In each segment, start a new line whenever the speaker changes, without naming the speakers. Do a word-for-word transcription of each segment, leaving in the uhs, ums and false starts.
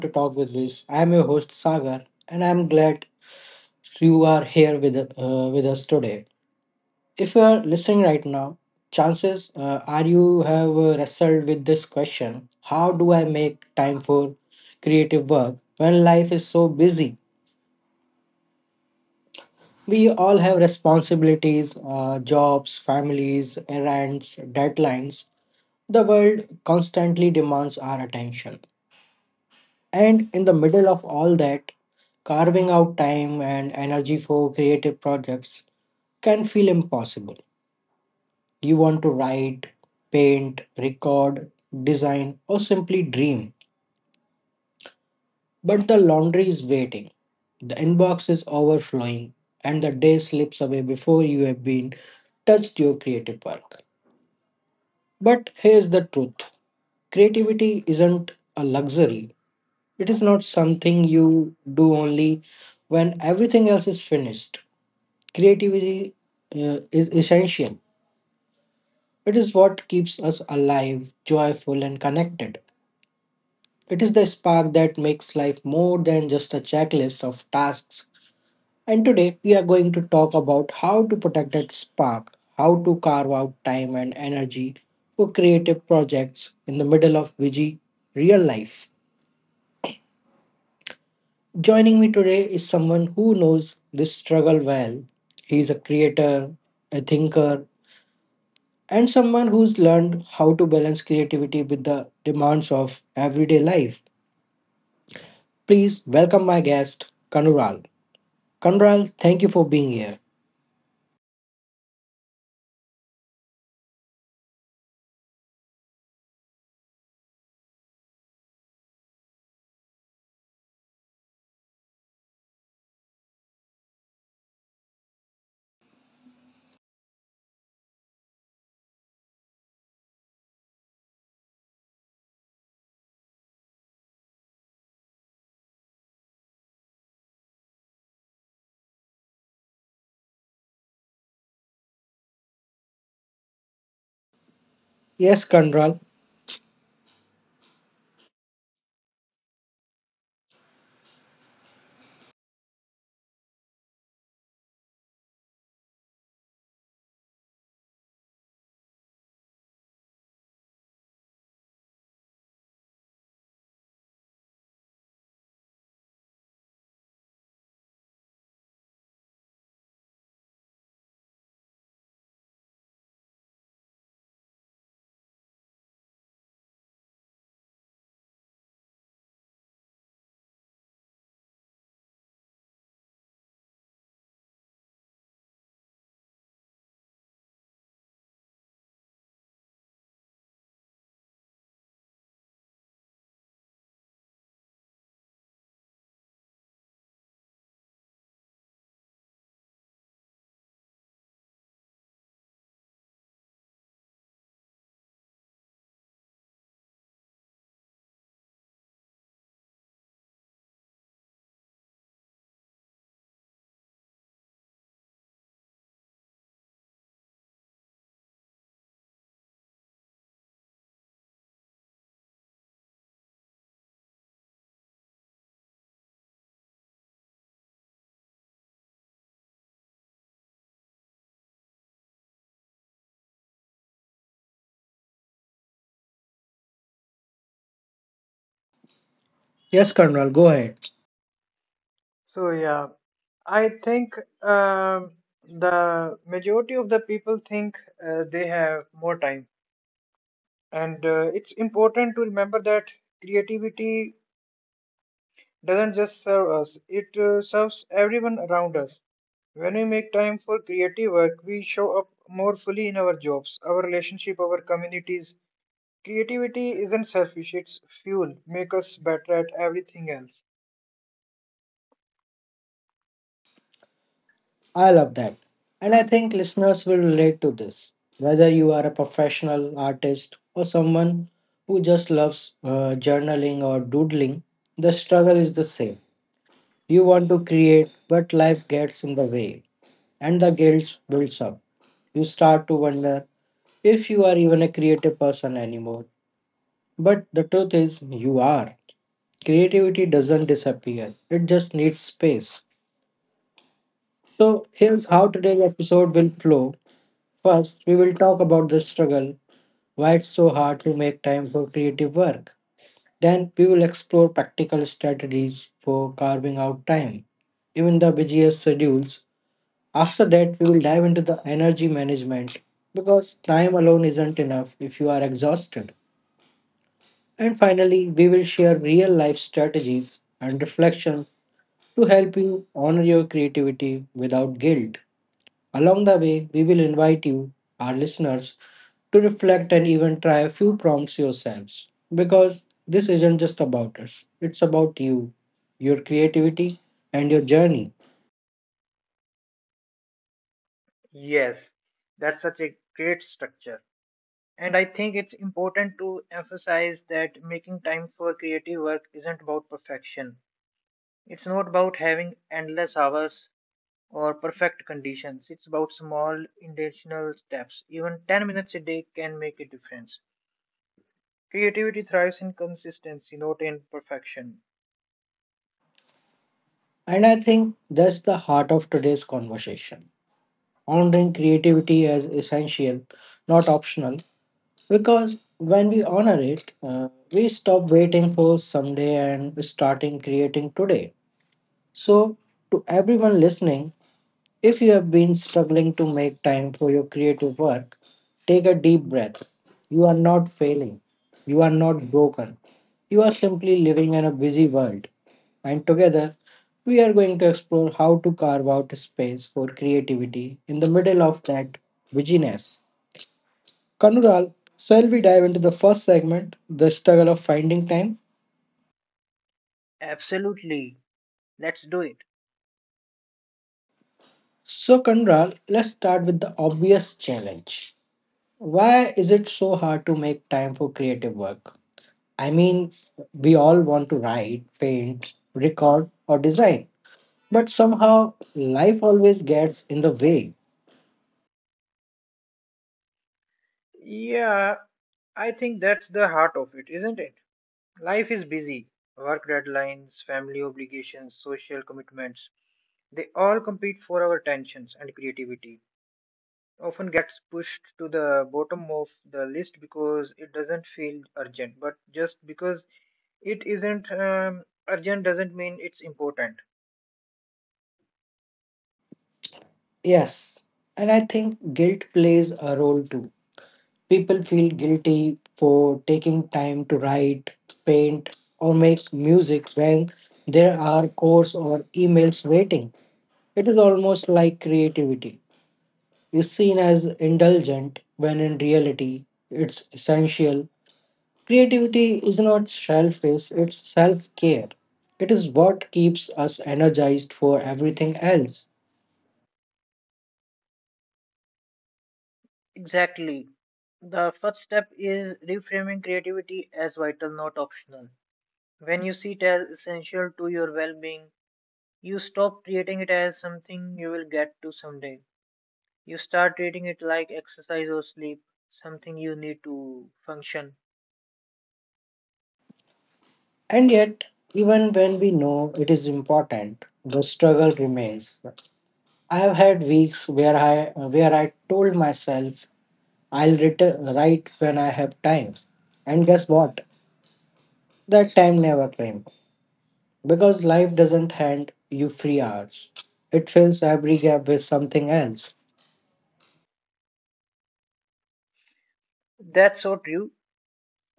to Talk with Viz. I am your host Sagar, and I am glad you are here with uh, with us today. If you are listening right now, chances uh, are you have uh, wrestled with this question: How do I make time for creative work when life is so busy? We all have responsibilities, uh, jobs, families, errands, deadlines. The world constantly demands our attention. And in the middle of all that, carving out time and energy for creative projects can feel impossible. You want to write, paint, record, design, or simply dream. But the laundry is waiting, the inbox is overflowing, and the day slips away before you have been touched your creative work. But here's the truth: creativity isn't a luxury, it is not something you do only when everything else is finished. Creativity uh, is essential. It is what keeps us alive, joyful, and connected. It is the spark that makes life more than just a checklist of tasks. And today, we are going to talk about how to protect that spark, how to carve out time and energy for creative projects in the middle of busy real life. Joining me today is someone who knows this struggle well. He's a creator, a thinker, and someone who's learned how to balance creativity with the demands of everyday life. Please welcome my guest, Kanural. Kanural, thank you for being here. Yes, Kanural. Yes, Kanural, go ahead.
So yeah, I think um, the majority of the people think uh, they have more time, and uh, it's important to remember that creativity doesn't just serve us; it uh, serves everyone around us. When we make time for creative work, we show up more fully in our jobs, our relationship, our communities. Creativity isn't selfish; it's fuel, make us better at everything else.
I love that. And I think listeners will relate to this. Whether you are a professional artist or someone who just loves uh, journaling or doodling, the struggle is the same. You want to create, but life gets in the way, and the guilt builds up. You start to wonder if you are even a creative person anymore. But the truth is, you are. Creativity doesn't disappear, it just needs space. So, here's
So,
how today's episode will flow. First, we will talk about the struggle, why it's so hard to make time for creative work. Then, we will explore practical strategies for carving out time. Even the busiest schedules. After that, we will dive into the energy management because time alone isn't enough if you are exhausted. And finally, we will share real life strategies and reflection to help you honor your creativity without guilt. Along the way, we will invite you, our listeners, to reflect and even try a few prompts yourselves because this isn't just about us, it's about you, your creativity, and your journey.
yes, that's such a great structure. And I think it's important to emphasize that making time for creative work isn't about perfection. It's not about having endless hours or perfect conditions. It's about small intentional steps. Even ten minutes a day can make a difference. Creativity thrives in consistency, not in perfection.
And I think that's the heart of today's conversation: honoring creativity as essential, not optional, because when we honor it, uh, we stop waiting for someday and starting creating today. So, to everyone listening, if you have been struggling to make time for your creative work, take a deep breath. You are not failing. You are not broken. You are simply living in a busy world. And together, we are going to explore how to carve out space for creativity in the middle of that busyness. Kanural, shall we dive into the first segment, the struggle of finding time?
Absolutely. Let's do it.
So, Kanural, let's start with the obvious challenge. Why is it so hard to make time for creative work? I mean, we all want to write, paint, record, or design, but somehow life always gets in the way.
Yeah, I think that's the heart of it, isn't it? Life is busy. Work deadlines, family obligations, social commitments. They all compete for our attentions, and creativity often gets pushed to the bottom of the list because it doesn't feel urgent. But just because it isn't um, urgent doesn't mean it's important.
Yes, and I think guilt plays a role too. People feel guilty for taking time to write, paint, or make music when there are calls or emails waiting. It is almost like creativity is seen as indulgent when in reality it's essential. Creativity is not selfish, it's self care. It is what keeps us energized for everything else.
Exactly. The first step is reframing creativity as vital, not optional. When you see it as essential to your well being, you stop treating it as something you will get to someday. You start treating it like exercise or sleep, something you need to function.
And yet, even when we know it is important, the struggle remains. I have had weeks where I where I told myself I'll ret- write when I have time. And guess what? That time never came. Because life doesn't hand you free hours. It fills every gap with something else.
That's so true.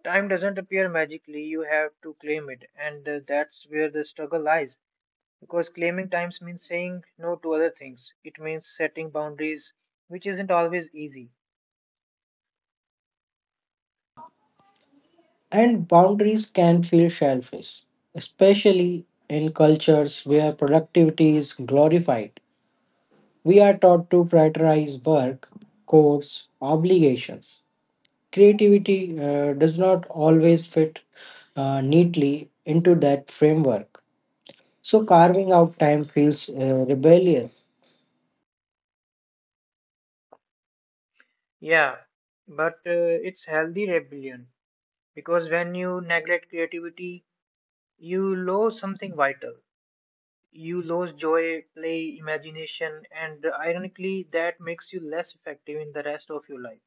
Time doesn't appear magically, you have to claim it, and uh, that's where the struggle lies. Because claiming times means saying no to other things, it means setting boundaries, which isn't always easy.
And boundaries can feel selfish, especially in cultures where productivity is glorified. We are taught to prioritize work, course, obligations. Creativity uh, does not always fit uh, neatly into that framework. So, carving out time feels uh, rebellious.
Yeah, but uh, it's healthy rebellion, because when you neglect creativity, you lose something vital. You lose joy, play, imagination, and ironically, that makes you less effective in the rest of your life.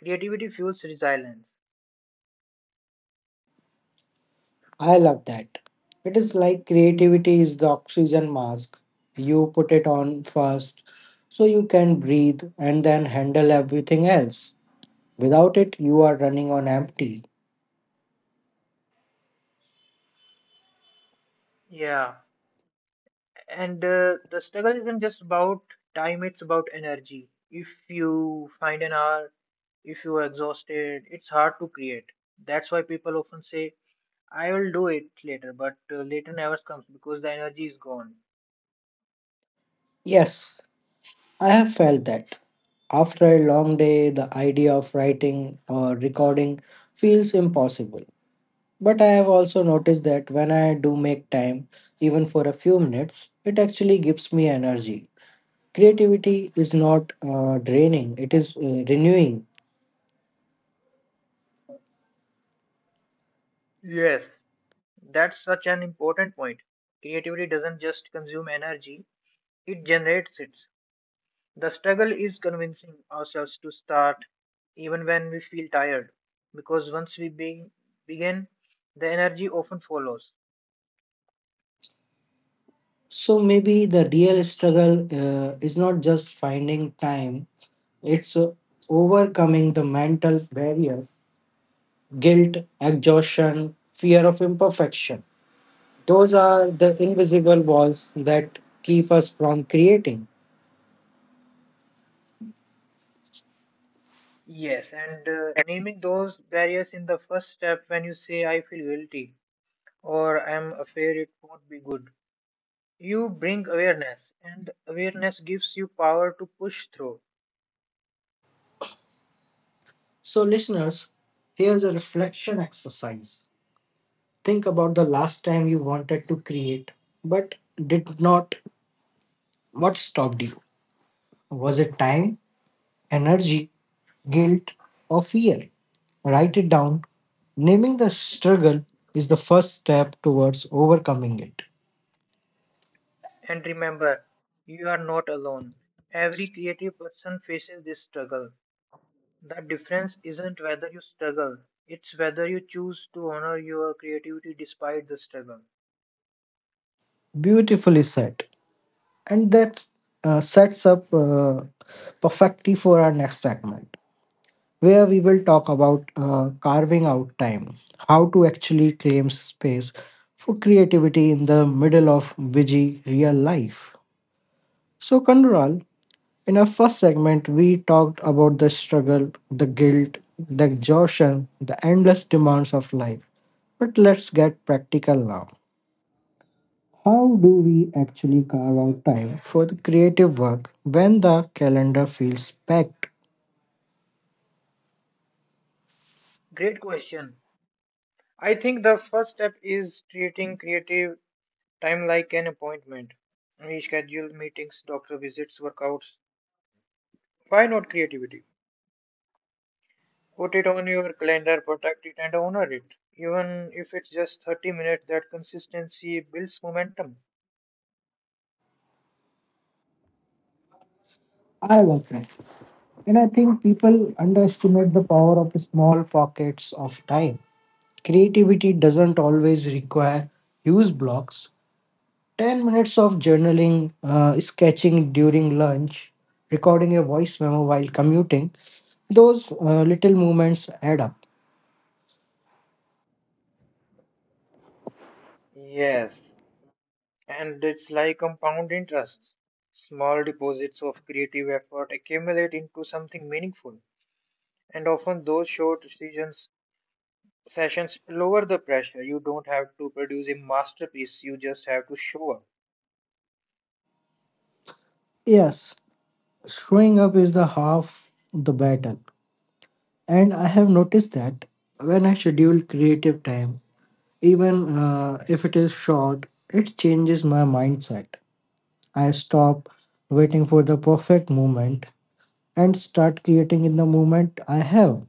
Creativity fuels resilience.
I love that. It is like creativity is the oxygen mask. You put it on first so you can breathe and then handle everything else. Without it, you are running on empty.
Yeah. And uh, the struggle isn't just about time, it's about energy. If you find an hour, if you are exhausted, it's hard to create. That's why people often say, I will do it later, but uh, later never comes because the energy is gone.
Yes, I have felt that. After a long day, the idea of writing or recording feels impossible. But I have also noticed that when I do make time, even for a few minutes, it actually gives me energy. Creativity is not uh, draining, it is uh, renewing.
Yes, that's such an important point. Creativity doesn't just consume energy, it generates it. The struggle is convincing ourselves to start even when we feel tired, because once we be- begin, the energy often follows.
So maybe the real struggle uh, is not just finding time, it's uh, overcoming the mental barrier: guilt, exhaustion, fear of imperfection. Those are the invisible walls that keep us from creating.
Yes, and uh, naming those barriers in the first step, when you say, I feel guilty or I'm afraid it won't be good, you bring awareness, and awareness gives you power to push through.
So listeners, here's a reflection exercise. Think about the last time you wanted to create but did not. What stopped you? Was it time, energy, guilt, or fear? Write it down. Naming the struggle is the first step towards overcoming it.
And remember, you are not alone. Every creative person faces this struggle. The difference isn't whether you struggle, it's whether you choose to honor your creativity despite the struggle.
Beautifully said. And that uh, sets up uh, perfectly for our next segment, where we will talk about uh, carving out time, how to actually claim space for creativity in the middle of busy real life. So, Kandural, in our first segment, we talked about the struggle, the guilt, the exhaustion, the endless demands of life. But let's get practical now. How do we actually carve out time for the creative work when the calendar feels packed?
Great question. I think the first step is treating creative time like an appointment. We schedule meetings, doctor visits, workouts. Why not creativity? Put it on your calendar, protect it, and honor it. Even if it's just thirty minutes, that consistency builds momentum.
I was right. And I think people underestimate the power of small pockets of time. Creativity doesn't always require huge blocks. ten minutes of journaling, uh, sketching during lunch, recording a voice memo while commuting, those uh, little movements add up.
Yes, and it's like compound interests. Small deposits of creative effort accumulate into something meaningful, and often those short sessions, sessions lower the pressure. You don't have to produce a masterpiece, you just have to show up.
Yes, showing up is the half the battle. And I have noticed that when I schedule creative time, even uh, if it is short, it changes my mindset. I stop waiting for the perfect moment and start creating in the moment I have.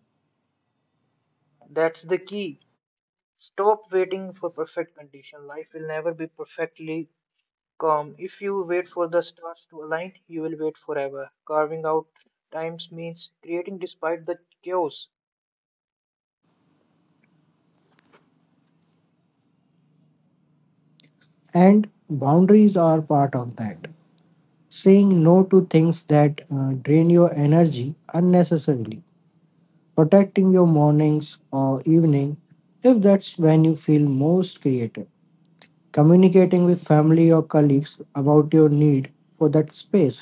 That's the key. Stop waiting for perfect condition. Life will never be perfectly calm. If you wait for the stars to align, you will wait forever. Carving out times means creating despite the chaos.
And boundaries are part of that. Saying no to things that uh, drain your energy unnecessarily, protecting your mornings or evening if that's when you feel most creative, communicating with family or colleagues about your need for that space.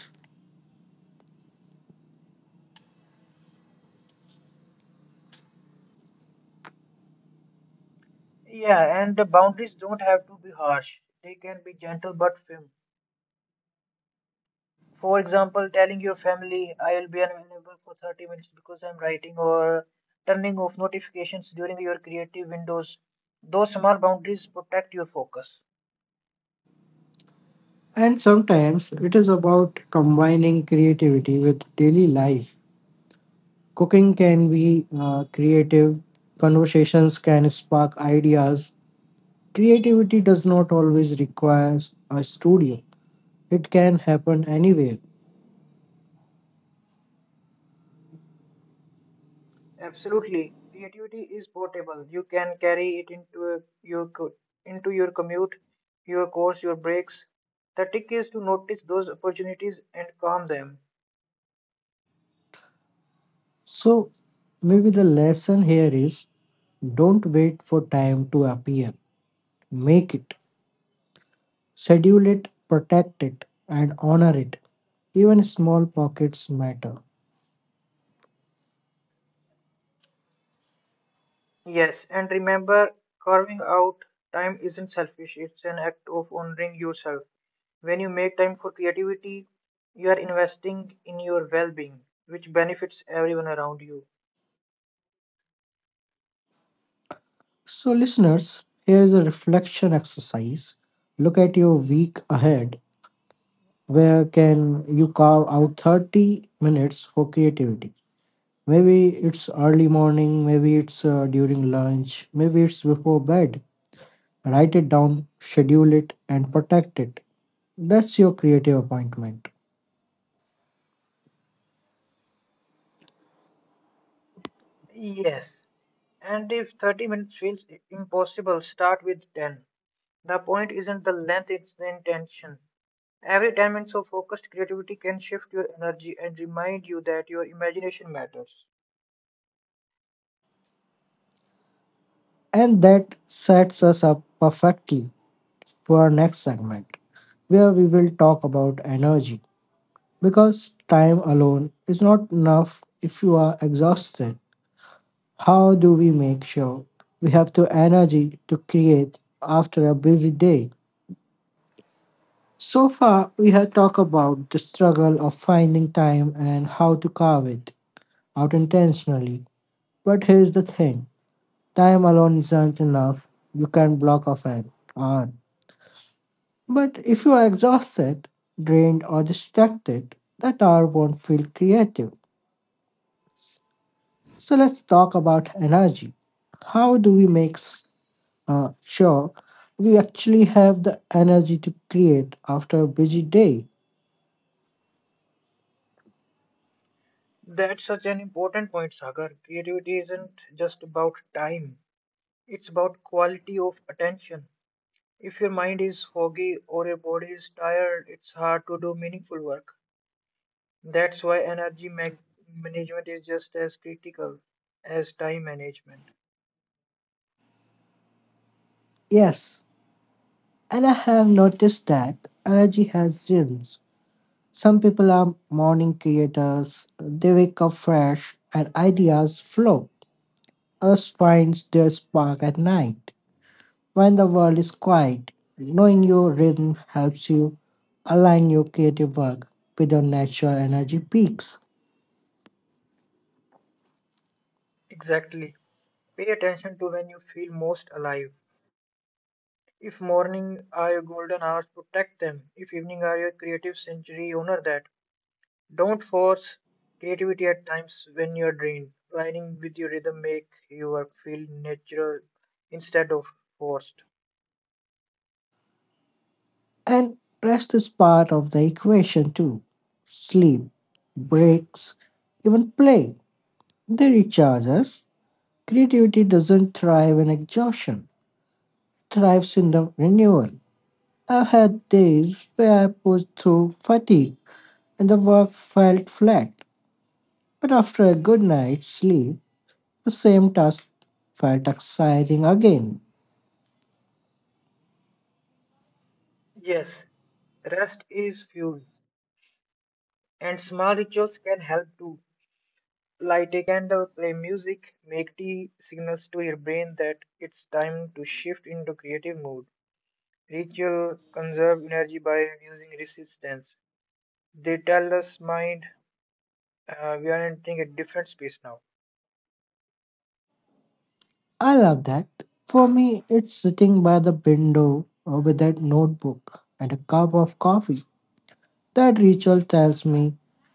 Yeah, and the boundaries don't have to be harsh. They can be gentle but firm. For example, telling your family, I'll be unavailable for thirty minutes because I'm writing, or turning off notifications during your creative windows. Those small boundaries protect your focus.
And sometimes it is about combining creativity with daily life. Cooking can be uh, creative, conversations can spark ideas. Creativity does not always require a studio. It can happen anywhere.
Absolutely. Creativity is portable. You can carry it into a- your co- into your commute, your course, your breaks. The trick is to notice those opportunities and calm them.
So maybe the lesson here is don't wait for time to appear. Make it, schedule it, protect it, and honor it. Even small pockets matter.
Yes, and remember, carving out time isn't selfish. It's an act of honoring yourself. When you make time for creativity, you are investing in your well-being, which benefits everyone around you.
So, listeners, here is a reflection exercise. Look at your week ahead. Where can you carve out thirty minutes for creativity? Maybe it's early morning, maybe it's uh, during lunch, maybe it's before bed. Write it down, schedule it, and protect it. That's your creative appointment.
Yes, and if thirty minutes feels impossible, start with ten. The point isn't the length, it's the intention. Every ten minutes of focused creativity can shift your energy and remind you that your imagination matters.
And that sets us up perfectly for our next segment, where we will talk about energy. Because time alone is not enough if you are exhausted. How do we make sure we have the energy to create after a busy day? So far, we have talked about the struggle of finding time and how to carve it out intentionally. But here's the thing: time alone isn't enough. You can block off an hour. But if you are exhausted, drained, or distracted, that hour won't feel creative. So let's talk about energy. How do we make s- uh, sure we actually have the energy to create after a busy day?
That's such an important point, Sagar. Creativity isn't just about time, it's about quality of attention. If your mind is foggy or your body is tired, it's hard to do meaningful work. That's why energy mag- management is just as critical as time management.
Yes, and I have noticed that energy has rhythms. Some people are morning creators, they wake up fresh and ideas flow. Us finds their spark at night when the world is quiet. Knowing your rhythm helps you align your creative work with your natural energy peaks.
Exactly. Pay attention to when you feel most alive. If morning are your golden hours, protect them. If evening are your creative century, honor that. Don't force creativity at times when you're drained. Aligning with your rhythm make your work feel natural instead of forced.
And rest is part of the equation too. Sleep, breaks, even play, they recharge us. Creativity doesn't thrive in exhaustion, it thrives in the renewal. I've had days where I pushed through fatigue and the work felt flat. But after a good night's sleep, the same task felt exciting again.
Yes, rest is fuel, and small rituals can help too. Light a candle, play music, make tea signals to your brain that it's time to shift into creative mode. Ritual conserve energy by reducing resistance. They tell us, mind, uh, we are entering a different space now.
I love that. For me, it's sitting by the window uh, with that notebook and a cup of coffee. That ritual tells me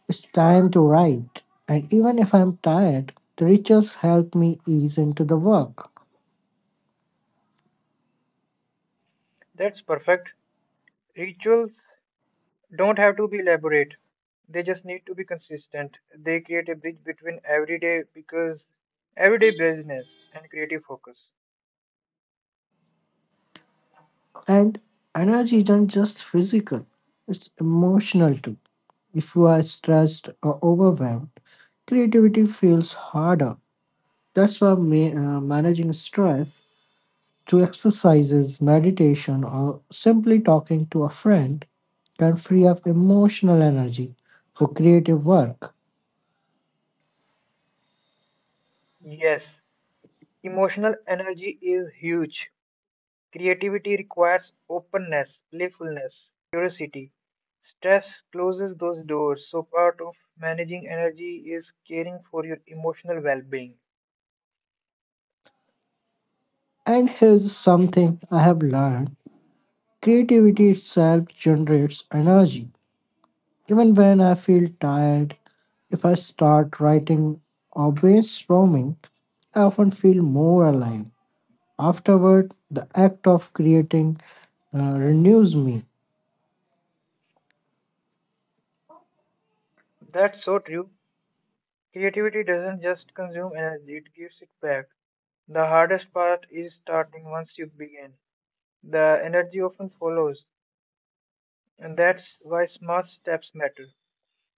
it's time to write. And even if I'm tired, the rituals help me ease into the work.
That's perfect. Rituals don't have to be elaborate, they just need to be consistent. They create a bridge between everyday because everyday business and creative focus.
And energy isn't just physical, it's emotional too. If you are stressed or overwhelmed, creativity feels harder. That's why ma- uh, managing stress through exercises, meditation, or simply talking to a friend can free up emotional energy for creative work.
Yes, emotional energy is huge. Creativity requires openness, playfulness, curiosity. Stress closes those doors, so part of managing energy is caring for your emotional well being.
And here's something I have learned: creativity itself generates energy. Even when I feel tired, if I start writing or brainstorming, I often feel more alive. Afterward, the act of creating uh, renews me.
That's so true. Creativity doesn't just consume energy, it gives it back. The hardest part is starting once you begin. The energy often follows, and that's why small steps matter.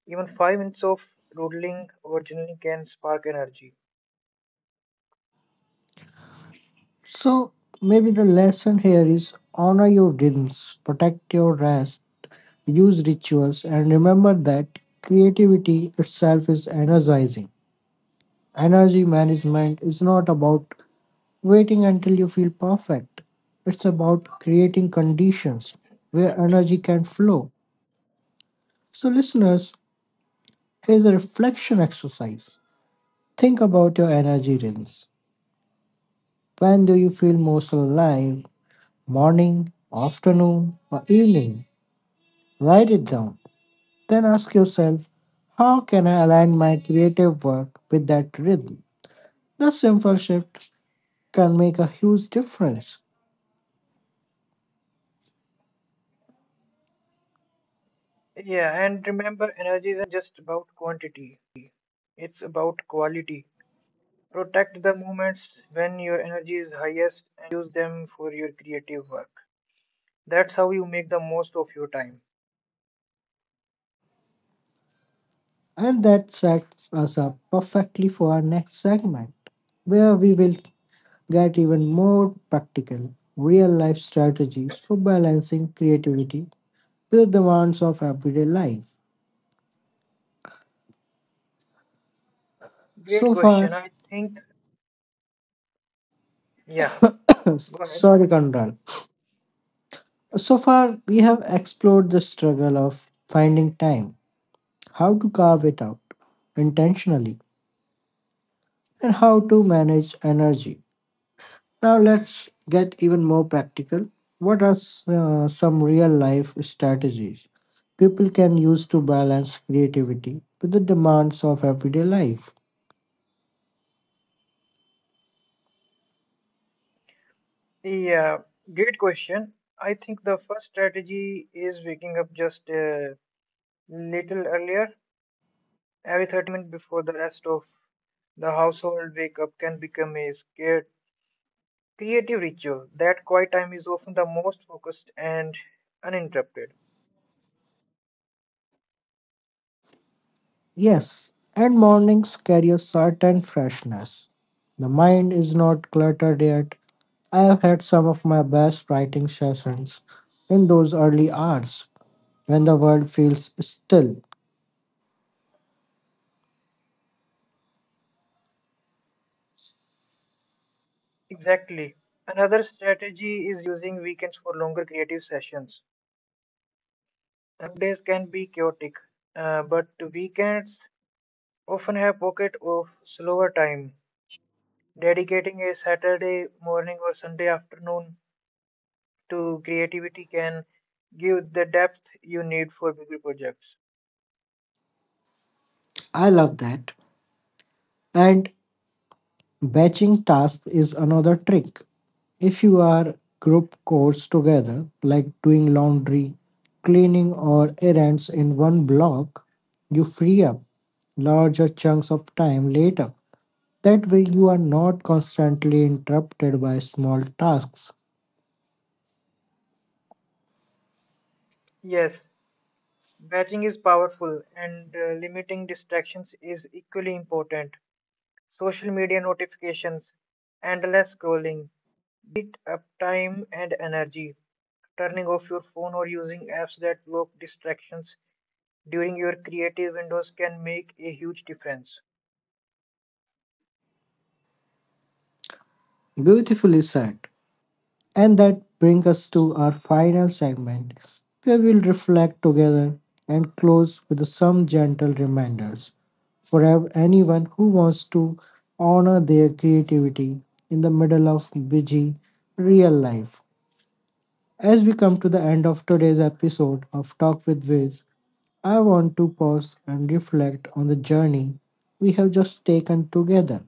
Even five minutes of doodling or journaling can spark energy.
So maybe the lesson here is honor your rhythms, protect your rest, use rituals, and remember that creativity itself is energizing. Energy management is not about waiting until you feel perfect. It's about creating conditions where energy can flow. So, listeners, here's a reflection exercise. Think about your energy rhythms. When do you feel most alive? Morning, afternoon, or evening? Write it down. Then ask yourself, how can I align my creative work with that rhythm? The simple shift can make a huge difference.
Yeah, and remember, energy isn't just about quantity, it's about quality. Protect the moments when your energy is highest and use them for your creative work. That's how you make the most of your time.
And that sets us up perfectly for our next segment, where we will get even more practical, real life strategies for balancing creativity with the demands of everyday life.
Great
So
question.
far,
I think, yeah. Go ahead.
sorry, Conrad. So far, we have explored the struggle of finding time, how to carve it out intentionally, and how to manage energy. Now, let's get even more practical. What are s- uh, some real life strategies people can use to balance creativity with the demands of everyday life?
Yeah, great question. I think the first strategy is waking up just a little earlier, every thirty minutes before the rest of the household wake up can become a scared creative ritual. That quiet time is often the most focused and uninterrupted.
Yes, and mornings carry a certain freshness. The mind is not cluttered yet. I have had some of my best writing sessions in those early hours when the world feels still.
Exactly. Another strategy is using weekends for longer creative sessions. Uh, work days can be chaotic, uh, but weekends often have pocket of slower time. Dedicating a Saturday morning or Sunday afternoon to creativity can give the depth you need for bigger projects.
I love that. And batching tasks is another trick. If you are group chores together, like doing laundry, cleaning, or errands in one block, you free up larger chunks of time later. That way, you are not constantly interrupted by small tasks.
Yes, batching is powerful, and uh, limiting distractions is equally important. Social media notifications, endless scrolling, they eat up time and energy. Turning off your phone or using apps that block distractions during your creative windows can make a huge difference.
Beautifully said. And that brings us to our final segment, where we'll reflect together and close with some gentle reminders for ev- anyone who wants to honor their creativity in the middle of busy real life. As we come to the end of today's episode of Talk with Wiz, I want to pause and reflect on the journey we have just taken together.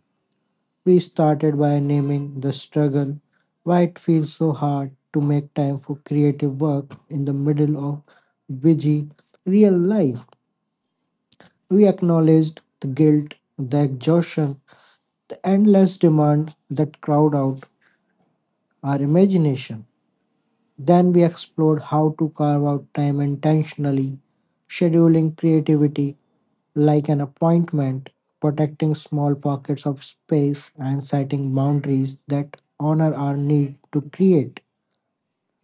We started by naming the struggle, why it feels so hard to make time for creative work in the middle of busy real life. We acknowledged the guilt, the exhaustion, the endless demand that crowd out our imagination. Then we explored how to carve out time intentionally, scheduling creativity like an appointment, protecting small pockets of space, and setting boundaries that honor our need to create.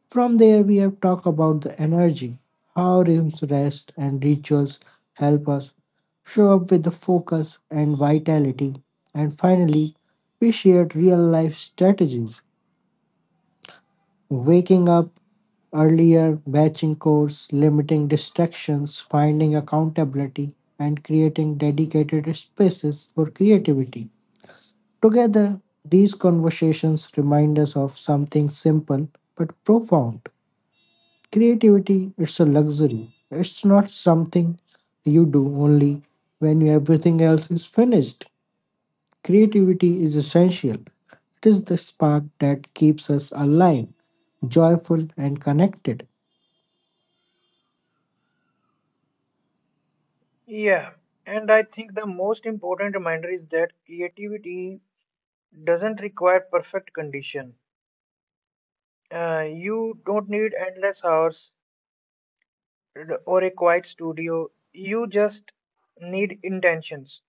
From there, we have talked about the energy, how rhythms, rest, and rituals help us show up with the focus and vitality. And finally, we shared real life strategies. Waking up earlier, batching chores, limiting distractions, finding accountability, and creating dedicated spaces for creativity. Together, these conversations remind us of something simple but profound. Creativity, it's a luxury. It's not something you do only when everything else is finished. Creativity is essential. It is the spark that keeps us alive, joyful, and connected.
Yeah, and I think the most important reminder is that creativity doesn't require perfect condition. Uh, you don't need endless hours or a quiet studio. You just need intentions.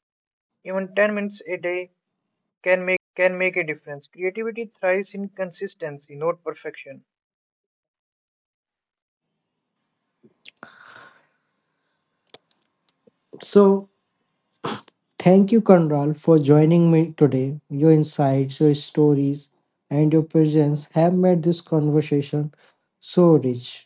Even ten minutes a day can make a difference. Creativity thrives in consistency, not perfection.
So, thank you, Kanral, for joining me today. Your insights, your stories, and your presence have made this conversation so rich.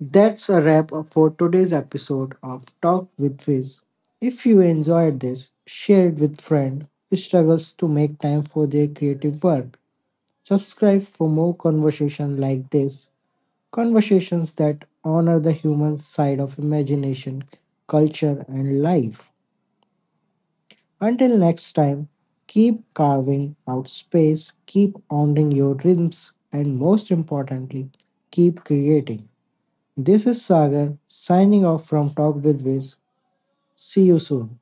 That's a wrap up for today's episode of Talk with Viz. If you enjoyed this, share it with friend who struggles to make time for their creative work. Subscribe for more conversation like this. Conversations that honor the human side of imagination, culture, and life. Until next time, keep carving out space, keep honoring your dreams, and most importantly, keep creating. This is Sagar signing off from Talk with Wiz. See you soon.